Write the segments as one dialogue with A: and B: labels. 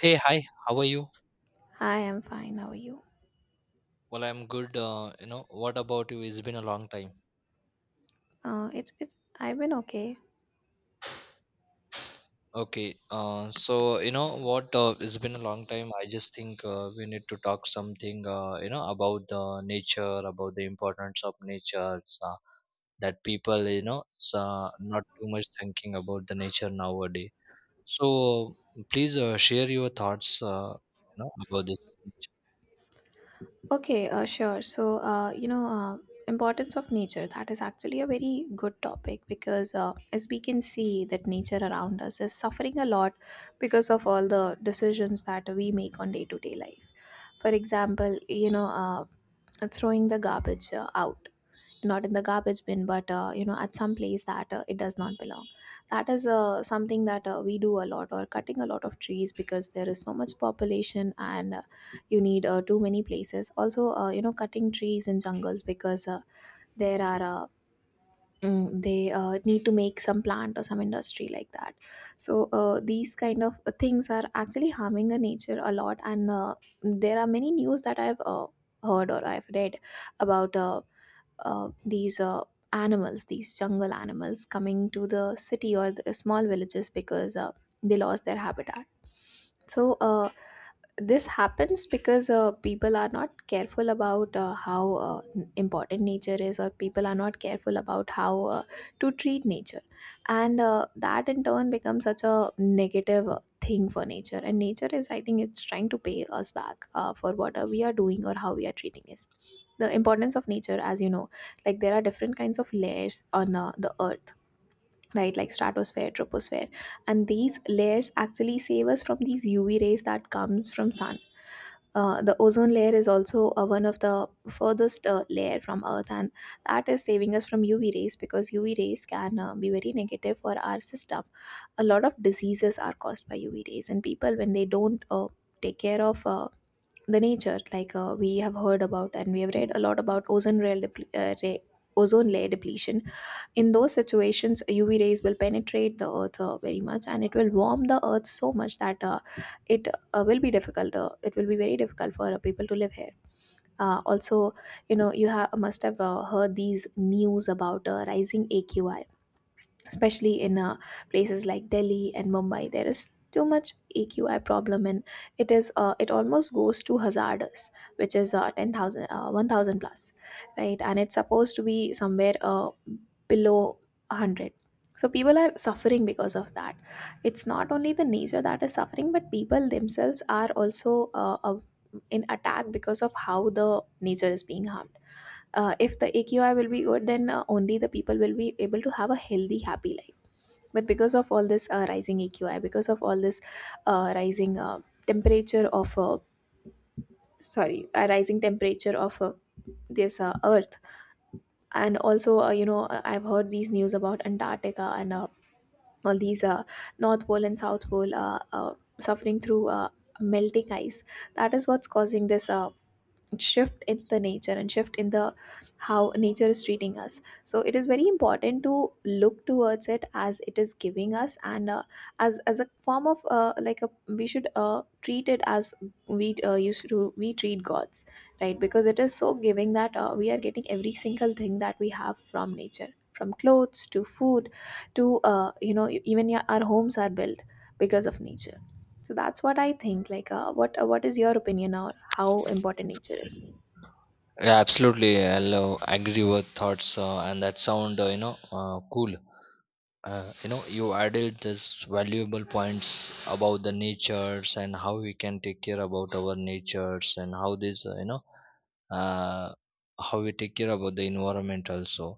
A: Hey, hi, how are you?
B: I'm fine. How are you?
A: Well, I'm good. You know, what about you? It's been a long time.
B: It's I've been okay.
A: Okay, so you know what? It's been a long time. I just think we need to talk something, you know, about the nature, about the importance of nature, uh, that people, you know, not too much thinking about the nature nowadays. So please share your thoughts, you know, about this.
B: Okay, sure. So, importance of nature, that is actually a very good topic because as we can see that nature around us is suffering a lot because of all the decisions that we make on day-to-day life. For example, throwing the garbage out, not in the garbage bin, but at some place that it does not belong. That is something that we do a lot, or cutting a lot of trees because there is so much population, and you need too many places. Also cutting trees in jungles because there are uh, they need to make some plant or some industry like that. So these kind of things are actually harming the nature a lot, and there are many news that I've heard or I've read about, these animals, these jungle animals, coming to the city or the small villages because they lost their habitat. So this happens because people are not careful about how important nature is, or people are not careful about how to treat nature, and that in turn becomes such a negative thing for nature. And nature is, I think it's trying to pay us back for what we are doing or how we are treating it. The importance of nature, as you know, like there are different kinds of layers on the earth, right? Like stratosphere, troposphere, and these layers actually save us from these UV rays that comes from sun. The ozone layer is also one of the furthest layer from earth, and that is saving us from UV rays, because UV rays can be very negative for our system. A lot of diseases are caused by UV rays, and people, when they don't take care of the nature, like we have heard about and we have read a lot about ozone layer depletion. In those situations, UV rays will penetrate the earth very much and it will warm the earth so much that it it will be very difficult for people to live here. Also, you know, must have heard these news about rising AQI, especially in places like Delhi and Mumbai. There is too much AQI problem, and it almost goes to hazardous, which is 10,000, 1,000 plus, right? And it's supposed to be somewhere below 100. So people are suffering because of that. It's not only the nature that is suffering, but people themselves are also in attack because of how the nature is being harmed. If the AQI will be good, then only the people will be able to have a healthy, happy life. But because of all this rising AQI, because of all this rising temperature of sorry rising temperature of this earth, and also I've heard these news about Antarctica, and all these north pole and south pole suffering through melting ice. That is what's causing this shift in the nature, and shift in the how nature is treating us. So it is very important to look towards it, as it is giving us, and as a form of like a we should treat it as we used to we treat gods, right? Because it is so giving that we are getting every single thing that we have from nature, from clothes to food to, our homes are built because of nature. So that's what I think. Like what is your opinion on how important nature is?
A: Nature. Yeah, absolutely. I'll agree with thoughts, and that sound, you know, cool. You know, you added this valuable points about the natures and how we can take care about our natures and how this, uh, how we take care about the environment also.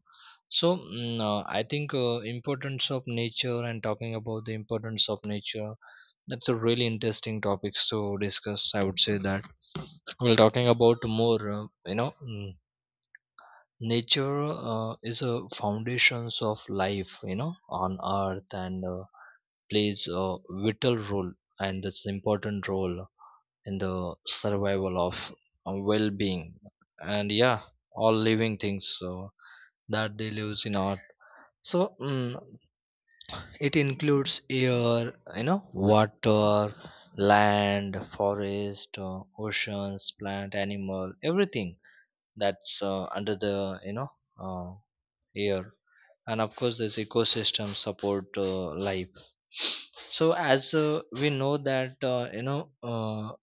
A: So I think importance of nature, and talking about the importance of nature, that's a really interesting topics to discuss. I would say that we're talking about more, nature is a foundations of life, you know, on earth, and plays a vital role, and that's important role, in the survival of, well-being, and yeah, all living things that they lives in earth. So it includes air, you know, water, land, forest, oceans, plant, animal, everything that's under the, uh, air. And of course this ecosystem support life. So as we know that,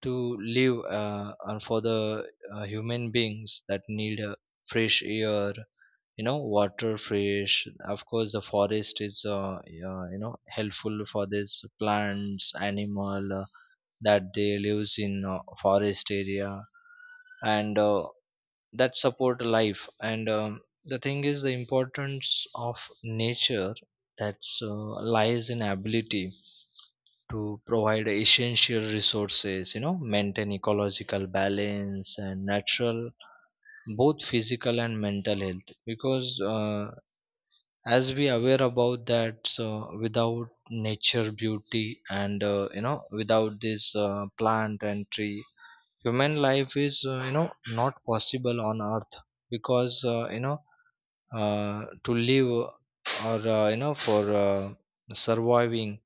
A: to live, and for the human beings that need fresh air, you know, water fresh. Of course the forest is you know, helpful for these plants, animal, that they lives in forest area. And that support life. And the thing is, the importance of nature, that's lies in ability to provide essential resources, you know, maintain ecological balance and natural, both physical and mental health, because as we aware about that, so without nature beauty and, you know, without this plant and tree, human life is, you know, not possible on earth, because, to live, or, you know, for surviving,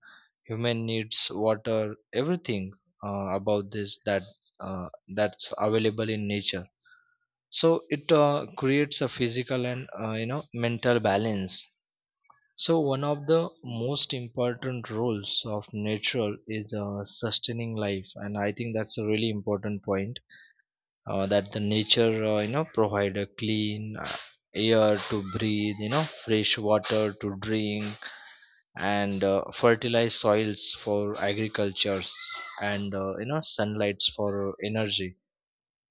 A: human needs water, everything about this, that uh, that's available in nature. So it creates a physical and, you know, mental balance. So one of the most important roles of nature is sustaining life, and I think that's a really important point, that the nature, you know, provide a clean air to breathe, you know, fresh water to drink, and fertilized soils for agricultures, and, you know, sunlights for energy.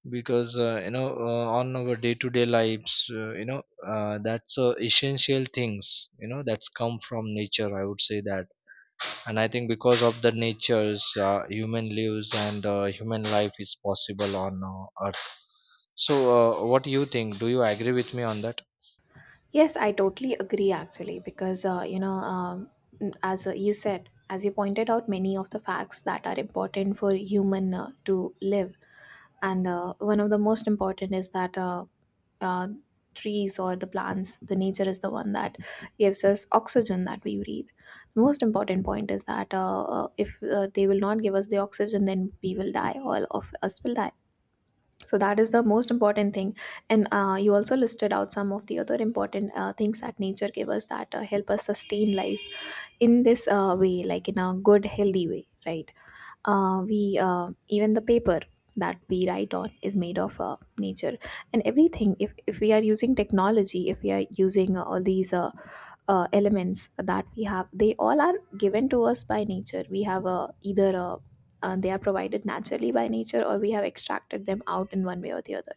A: Because, on our day to day lives, that's essential things, you know, that's come from nature, I would say that. And I think, because of the nature's, human lives, and human life is possible on earth. So what do you think? Do you agree with me on that?
B: Yes, I totally agree actually, because as you said, as you pointed out, many of the facts that are important for human to live. And one of the most important is that uh, trees or the plants, the nature is the one that gives us oxygen that we breathe. The most important point is that if they will not give us the oxygen, then we will die, all of us will die. So that is the most important thing. And you also listed out some of the other important things that nature gave us, that help us sustain life in this way, like in a good, healthy way, right? We Even the paper that we write on is made of nature. And everything, if we are using technology, if we are using all these elements that we have, they all are given to us by nature. We have either they are provided naturally by nature, or we have extracted them out in one way or the other.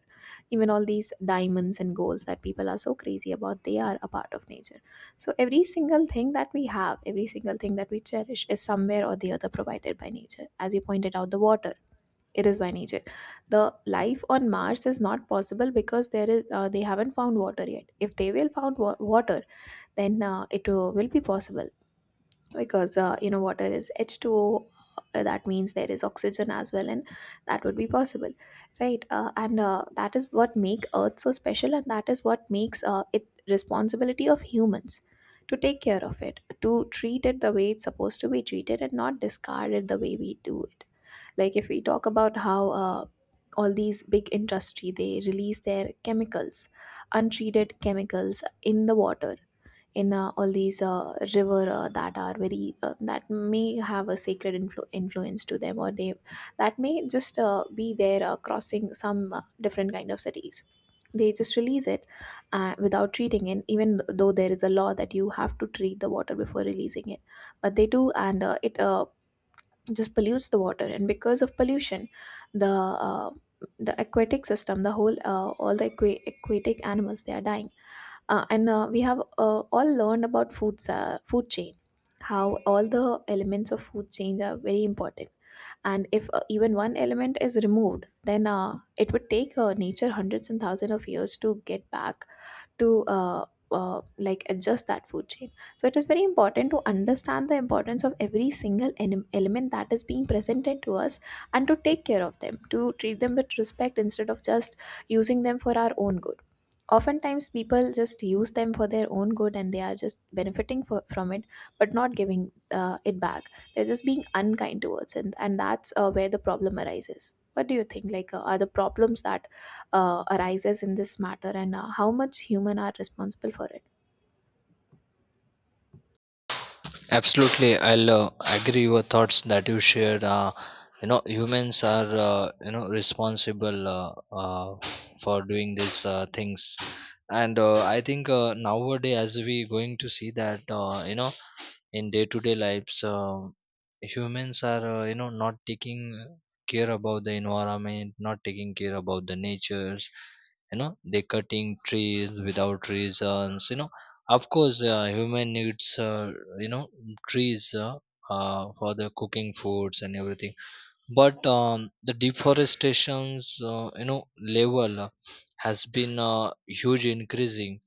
B: Even all these diamonds and golds that people are so crazy about, they are a part of nature. So every single thing that we have, every single thing that we cherish, is somewhere or the other provided by nature. As you pointed out, the water, it is by nature. The life on Mars is not possible because there is, they haven't found water yet. If they will water, then it will be possible, because you know, water is h2o. That means there is oxygen as well, and that would be possible, right? And That is what make earth so special, and that is what makes it responsibility of humans to take care of it, to treat it the way it's supposed to be treated, and not discard it the way we do it. Like, if we talk about how all these big industry, they release their chemicals, untreated chemicals, in the water, in all these river, that are very that may have a influence to them, or they, that may just be there crossing some different kind of cities, they just release it without treating it, even though there is a law that you have to treat the water before releasing it. But they do, and it just pollutes the water. And because of pollution, the uh, the aquatic system, the whole all the aquatic animals, they are dying. And We have all learned about food chain, how all the elements of food chain are very important. And if even one element is removed, then it would take nature hundreds and thousands of years to get back to adjust that food chain. So it is very important to understand the importance of every single element that is being presented to us, and to take care of them, to treat them with respect, instead of just using them for our own good. Oftentimes people just use them for their own good, and they are just benefiting from it, but not giving it back. They're just being unkind towards it, and that's where the problem arises. What do you think, like are the problems that arises in this matter, and how much human are responsible for it?
A: Absolutely, I'll agree your thoughts that you shared. You know, humans are, you know responsible for doing these things, and I think nowadays, as we going to see that, you know, in day-to-day lives, humans are, you know, not taking care about the environment, not taking care about the natures. You know, they cutting trees without reasons. You know, of course human needs you know trees for the cooking foods and everything, but the deforestation's uh, you know level has been huge increasing.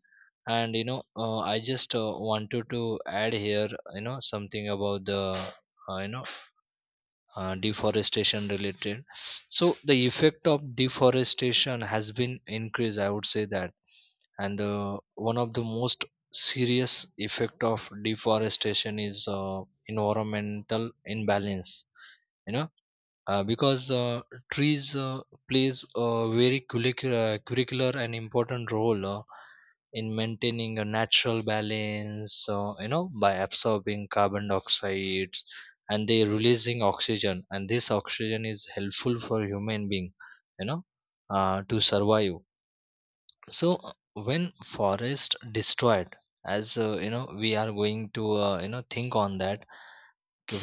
A: And you know, I just wanted to add here, you know, something about the, uh, you know deforestation related. So the effect of deforestation has been increased, I would say that. And the one of the most serious effect of deforestation is environmental imbalance, you know, because trees plays a very curricular, curricular and important role in maintaining a natural balance, you know, by absorbing carbon dioxide and they releasing oxygen, and this oxygen is helpful for human being, you know, to survive. So when forest destroyed, as you know, we are going to, think on that,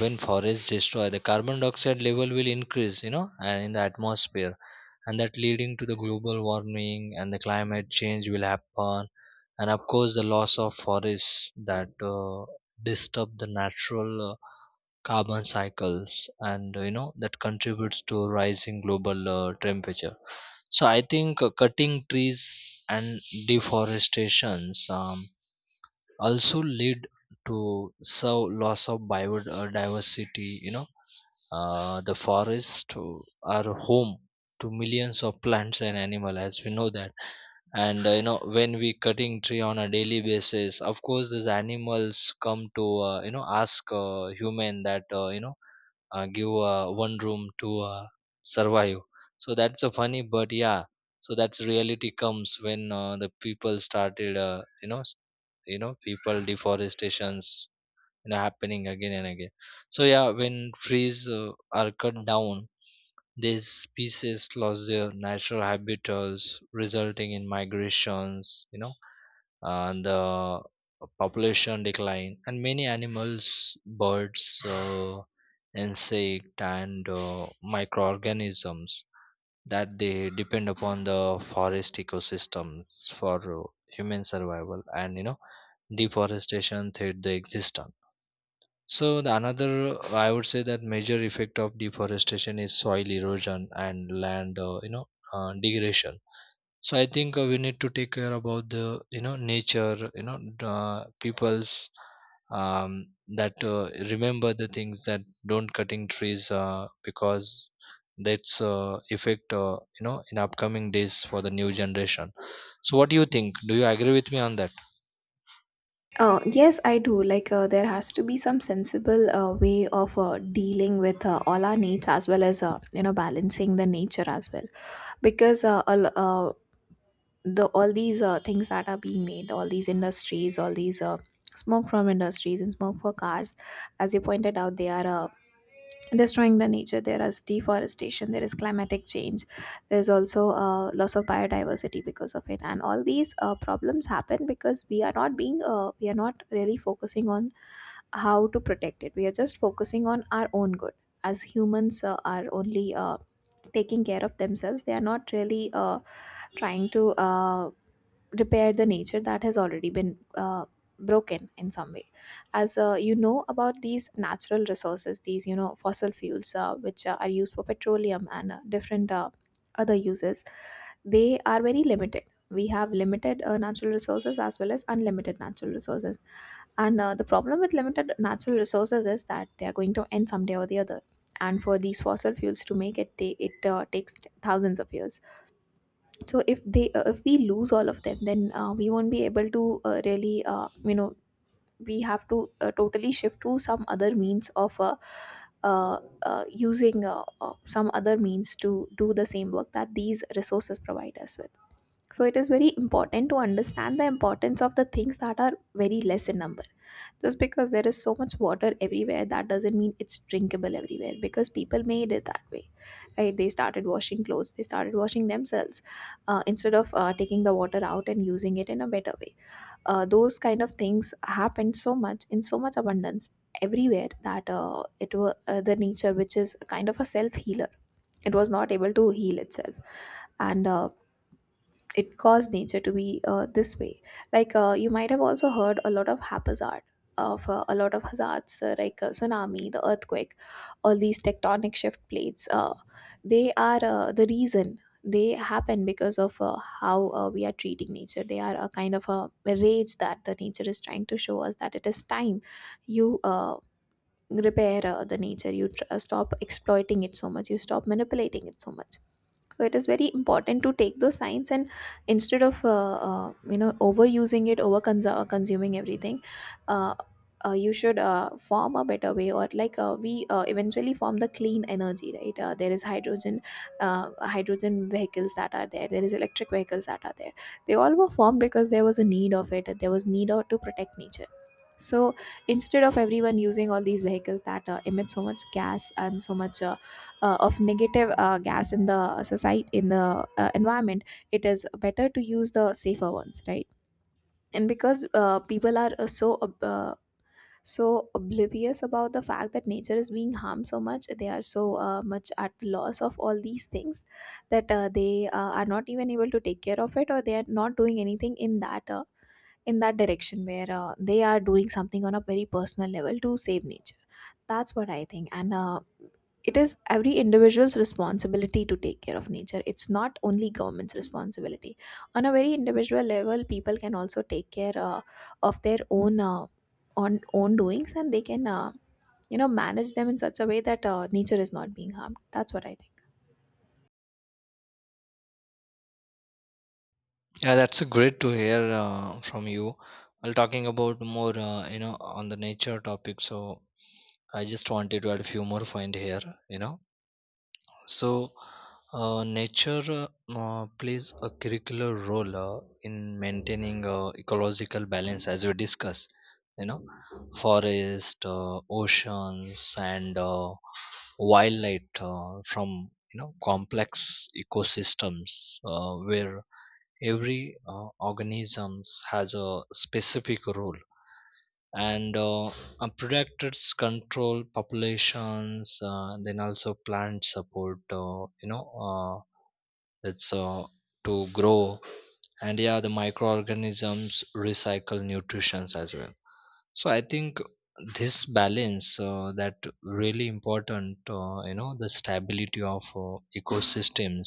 A: when forests destroy, the carbon dioxide level will increase, you know, and in the atmosphere, and that leading to the global warming and the climate change will happen. And of course the loss of forests that disturb the natural carbon cycles, and, you know, that contributes to rising global temperature. So I think cutting trees and deforestations also lead to, so, loss of biodiversity. You know, the are home to millions of plants and animal, as we know that. And, you know, when we cutting tree on a daily basis, of course these animals come to, ask human that, give one room to survive. So that's a funny, but yeah, so that's reality comes when the people started, people deforestations, you know, happening again and again. So yeah, when trees are cut down, these species lost their natural habitats, resulting in migrations, you know, and the population decline, and many animals, birds, insect, and microorganisms that they depend upon the forest ecosystems for human survival, and, you know, deforestation threat the existence. So the another, I would say that, major effect of deforestation is soil erosion and land, degradation. So I think we need to take care about the, you know, nature. You know, people's, um, that remember the things that don't cutting trees, because that's effect, you know, in upcoming days for the new generation. So what do you think? Do you agree with me on that?
B: Yes, I do. Like, there has to be some sensible way of dealing with all our needs, as well as, balancing the nature as well. Because the all these things that are being made, all these industries, all these smoke from industries and smoke for cars, as you pointed out, they are destroying the nature. There is deforestation, there is climatic change, there's also loss of biodiversity because of it. And all these problems happen because we are not being we are not really focusing on how to protect it. We are just focusing on our own good. As humans, are only taking care of themselves. They are not really trying to repair the nature that has already been broken in some way. As about these natural resources, these fossil fuels, which are used for petroleum and different other uses, they are very limited. We have limited natural resources as well as unlimited natural resources, and the problem with limited natural resources is that they are going to end someday or the other. And for these fossil fuels to make it ta- it takes thousands of years. So if we lose all of them, then we won't be able to really you know we have to totally shift to some other means of using some other means to do the same work that these resources provide us with. So it is very important to understand the importance of the things that are very less in number. Just because there is so much water everywhere, that doesn't mean it's drinkable everywhere, because people made it that way. Right? They started washing clothes, they started washing themselves instead of taking the water out and using it in a better way. Those kind of things happened so much, in so much abundance everywhere, that it was the nature, which is kind of a self healer, it was not able to heal itself, and it caused nature to be this way. Like, you might have also heard a lot of haphazard of a lot of hazards, like tsunami, the earthquake, all these tectonic shift plates. They are the reason they happen because of how we are treating nature. They are a kind of a rage that the nature is trying to show us, that it is time you. Repair the nature. Stop exploiting it so much, you stop manipulating it so much. So it is very important to take those signs, and instead of overusing it, consuming everything, uh, you should form a better way. Or like, we eventually form the clean energy, right? There is hydrogen, uh, hydrogen vehicles that are there, there is electric vehicles that are there. They all were formed because there was a need of it, there was need of, to protect nature. So instead of everyone using all these vehicles that emit so much gas and so much of negative gas in the society, in the environment, it is better to use the safer ones, right? And because people are so oblivious about the fact that nature is being harmed so much, they are so much at the loss of all these things, that they are not even able to take care of it, or they are not doing anything in that direction where they are doing something on a very personal level to save nature. That's what I think. And it is every individual's responsibility to take care of nature, it's not only government's responsibility. On a very individual level, people can also take care of their own on own doings, and they can manage them in such a way that nature is not being harmed. That's what I think.
A: Yeah, that's a great to hear from you. While talking about more, you know, on the nature topic, so I just wanted to add a few more point here. You know. So, nature plays a curricular role in maintaining ecological balance, as we discuss. You know, forest, oceans, and wildlife from, you know, complex ecosystems where every organisms has a specific role, and, predators control populations, then also plant support, it's to grow, and yeah, the microorganisms recycle nutrients as well. So I think this balance, that really important, you know, the stability of ecosystems,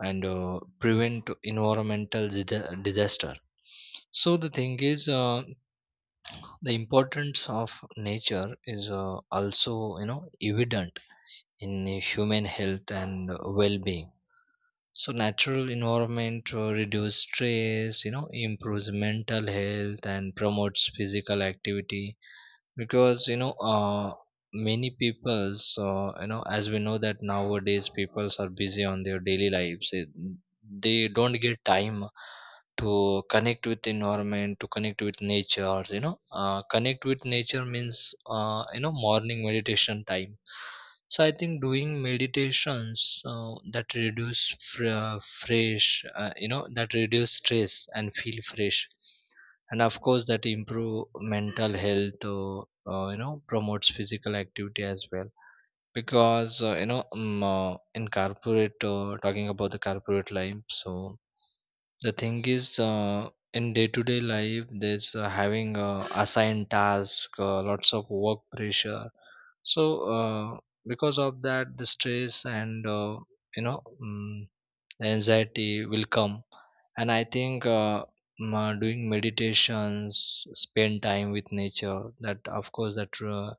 A: and prevent environmental disa- disaster. So the thing is, the importance of nature is, also, you know, evident in human health and well-being. So natural environment reduce stress, you know, improves mental health and promotes physical activity. Because, many people's, you know, as we know that nowadays peoples are busy on their daily lives, they don't get time to connect with environment, to connect with nature. You know, connect with nature means, you know, morning meditation time. So I think doing meditations that reduce, fr- uh, fresh, you know, that reduce stress and feel fresh, and of course that improve mental health. You know, promotes physical activity as well. Because, in corporate, talking about the corporate life. So the thing is, in day-to-day life there's having assigned task, lots of work pressure. So uh, because of that the stress and, you know mm the anxiety will come. And I think, doing meditations, spend time with nature, that of course that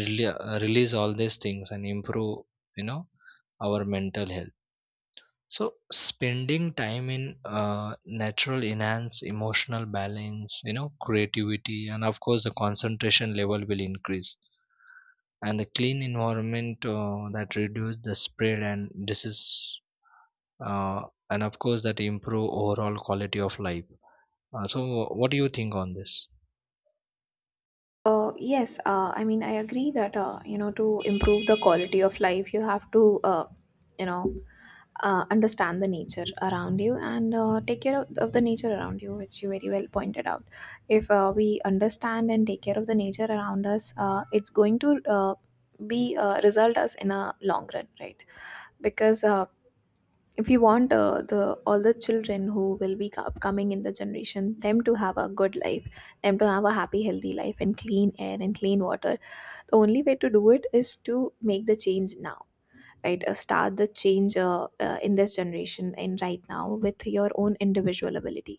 A: really, release all these things and improve, you know, our mental health. So spending time in natural enhance emotional balance, you know, creativity, and of course the concentration level will increase. And the clean environment that reduce the spread. And this is, uh, and of course that improve overall quality of life. So what do you think on this?
B: Yes, I mean, I agree that, you know, to improve the quality of life, you have to, you know, understand the nature around you and take care of the nature around you, which you very well pointed out. If we understand and take care of the nature around us, it's going to be result us in a long run, right? Because if you want the all the children who will be co- coming in the generation them to have a good life them to have a happy healthy life and clean air and clean water the only way to do it is to make the change now right start the change in this generation and right now with your own individual ability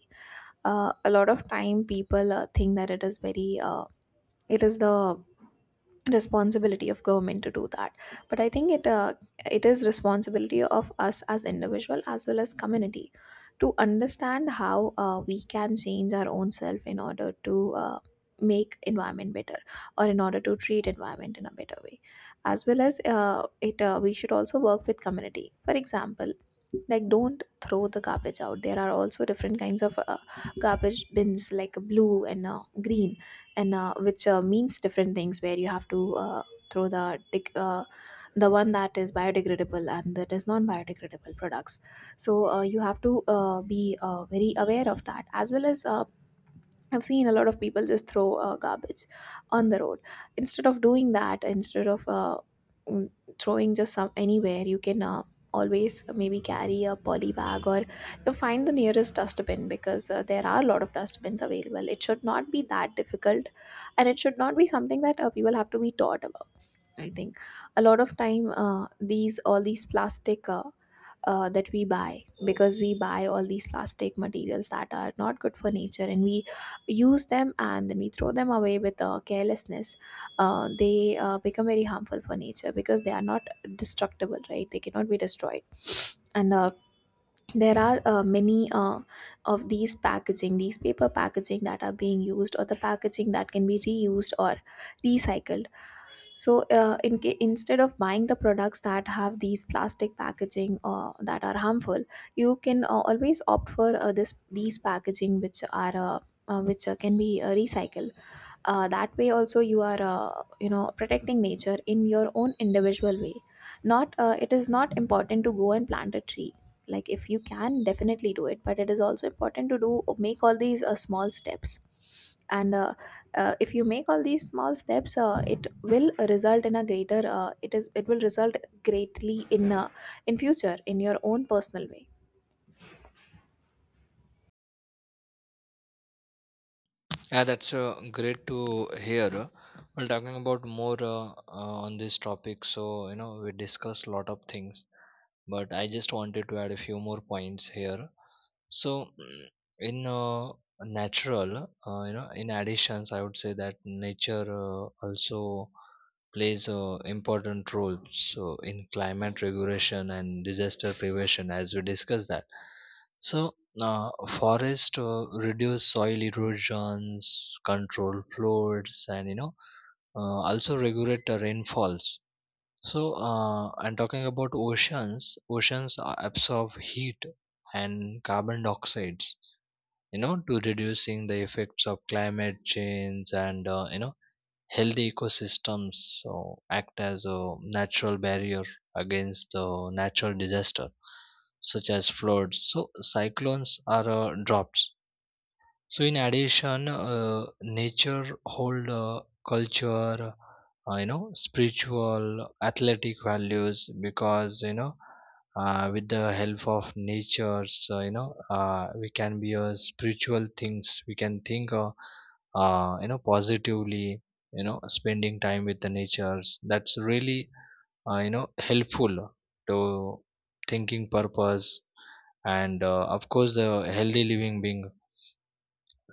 B: a lot of time people think that it is very it is the responsibility of government to do that but I think it it is responsibility of us as individual as well as community to understand how we can change our own self in order to uh, make environment better or in order to treat environment in a better way as well as it we should also work with community for example like don't throw the garbage out there are also different kinds of garbage bins like blue and green and which means different things where you have to throw the dec- the one that is biodegradable and that is non-biodegradable products so you have to be very aware of that as well as I've seen a lot of people just throw garbage on the road. Instead of doing that, instead of mm, throwing just some anywhere, you can always maybe carry a poly bag or you find the nearest dustbin because there are a lot of dustbins available. It should not be that difficult, and it should not be something that people have to be taught about I think a lot of time these all these plastic that we buy because we buy all these plastic materials that are not good for nature and we use them and then we throw them away with carelessness. They become very harmful for nature because they are not destructible, right? They cannot be destroyed and there are many of these packaging these paper packaging that are being used or the packaging that can be reused or recycled so, in ca- instead of buying the products that have these plastic packaging that are harmful, you can always opt for this these packaging which are which can be recycled. That way, also you are you know protecting nature in your own individual way. Not it is not important to go and plant a tree. Like if you can, definitely do it. But it is also important to do make all these small steps and if you make all these small steps it will result in a greater it is it will result greatly in future in your own personal way
A: Yeah, that's great to hear. Well, talking about more, on this topic, so, you know, we discussed a lot of things, but I just wanted to add a few more points here. So in natural, you know, in additions, I would say that nature also plays important role, so in climate regulation and disaster prevention, as we discussed that. So uh, forest reduce soil erosions, control floods, and, you know, also regulate the rainfalls. So, and talking about oceans, absorb heat and carbon dioxides, you know, to reducing the effects of climate change. And, you know, healthy ecosystems, so act as a natural barrier against the natural disaster such as floods. So, cyclones are drops. So in addition, nature hold culture, you know, spiritual, athletic values. Because, you know, with the help of nature's, we can be a spiritual things. We can think, you know, positively. You know, spending time with the natures. That's really, you know, helpful to thinking purpose, and of course the healthy living being.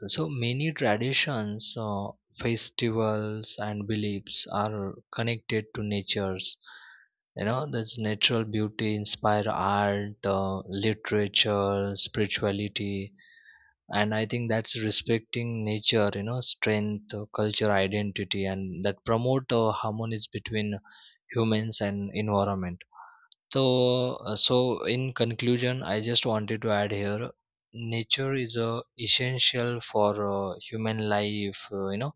A: So many traditions, festivals, and beliefs are connected to nature's. You know, that's natural beauty inspire art, literature, spirituality. And I think that's respecting nature. You know, strength, culture, identity, and that promote harmonies between humans and environment. So, so in conclusion, I just wanted to add here, nature is essential for human life, you know,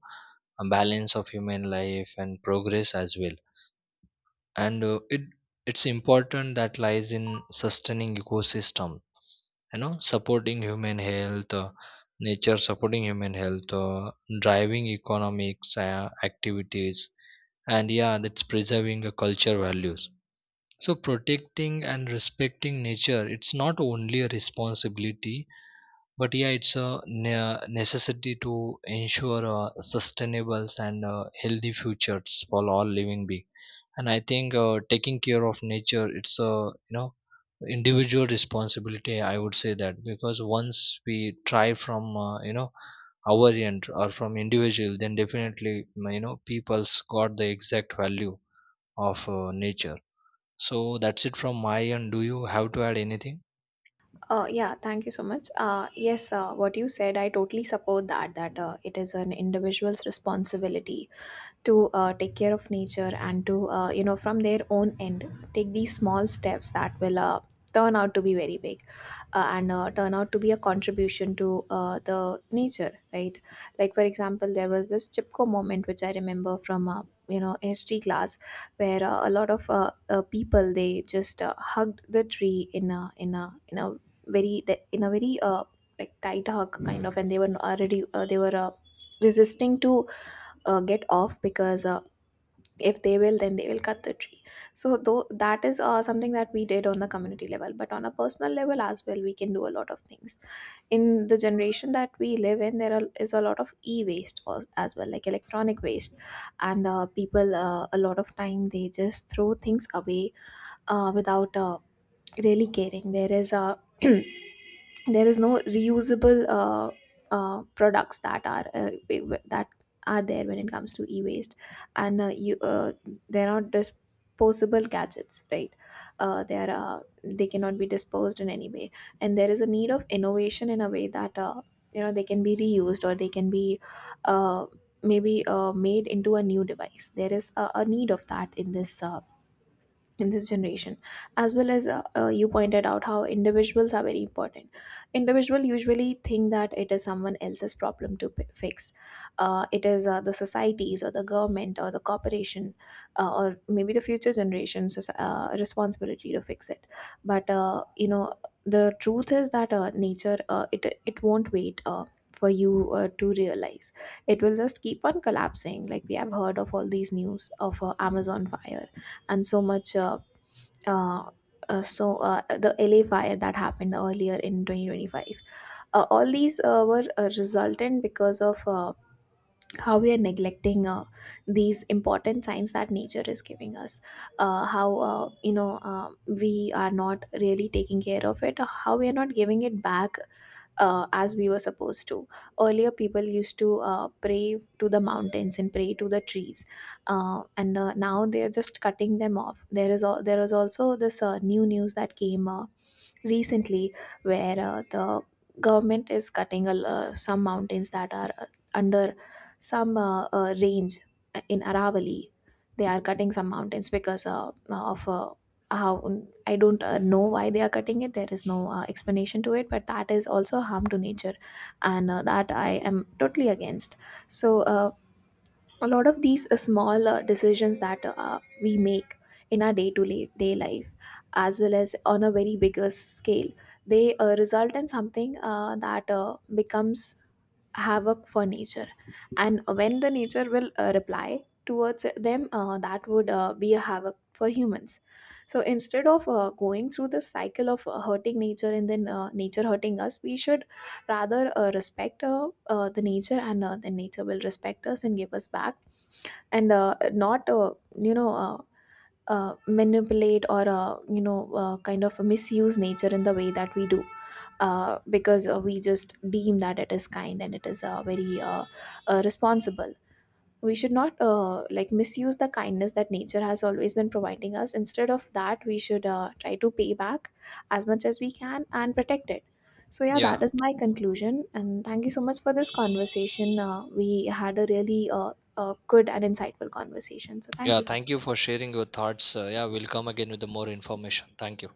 A: a balance of human life and progress as well. And it it's important that lies in sustaining ecosystem, you know, supporting human health, nature supporting human health, driving economics activities, and yeah, that's preserving the culture values. So protecting and respecting nature, it's not only a responsibility, but yeah, it's a necessity to ensure sustainable and healthy futures for all living beings. And I think taking care of nature, it's a, you know, individual responsibility. I would say that, because once we try from, you know, our end or from individual, then definitely, you know, people's got the exact value of nature. So that's it from my end. Do you have to add anything?
B: Yeah, thank you so much. Yes, what you said, I totally support that, that it is an individual's responsibility to take care of nature, and to, from their own end, take these small steps that will turn out to be very big, and turn out to be a contribution to the nature, right? Like, for example, there was this Chipko moment, which I remember from, history class, where a lot of people, they just hugged the tree in a very, in a very like tight hug kind of, and they were already they were resisting to get off, because if they will, then they will cut the tree. So though that is something that we did on the community level, but on a personal level as well, we can do a lot of things. In the generation that we live in, is a lot of e-waste as well, like electronic waste. And people, a lot of time, they just throw things away without really caring. There is a there is no reusable products that that are there when it comes to e-waste. And you they're not disposable gadgets, right? They cannot be disposed in any way, and there is a need of innovation in a way that you know, they can be reused, or they can be uh, maybe made into a new device. There is a need of that in this generation, as well as, you pointed out, how individuals are very important. Individual usually think that it is someone else's problem to fix. It is the societies, or the government, or the corporation, or maybe the future generation's responsibility to fix it. But the truth is that nature, it, it won't wait for you to realize. It will just keep on collapsing. Like we have heard of all these news of Amazon fire, and so much uh, the LA fire that happened earlier in 2025. All these were resultant because of how we are neglecting these important signs that nature is giving us. How we are not really taking care of it. How we are not giving it back as we were supposed to. Earlier, people used to pray to the mountains and pray to the trees, and now they are just cutting them off. There is also this new news that came recently, where the government is cutting some mountains that are under some range in Aravali. They are cutting some mountains because of how. I don't know why they are cutting it. There is no explanation to it, but that is also harm to nature, and that I am totally against. So a lot of these small decisions that we make in our day to day life, as well as on a very bigger scale, they result in something that becomes havoc for nature. And when the nature will reply towards them, that would be a havoc for humans. So instead of going through the cycle of hurting nature, and then nature hurting us, we should rather respect the nature, and the nature will respect us and give us back, and not you know uh, manipulate, or kind of misuse nature in the way that we do, because we just deem that it is kind, and it is very responsible. We should not like misuse the kindness that nature has always been providing us. Instead of that, we should try to pay back as much as we can and protect it. So yeah, that
A: Yeah,
B: is my conclusion, and thank you so much for this conversation. We had a really good and insightful conversation, so thank
A: yeah.
B: you so
A: Thank you
B: much.
A: for sharing your thoughts. Yeah, we'll come again with the more information. Thank you.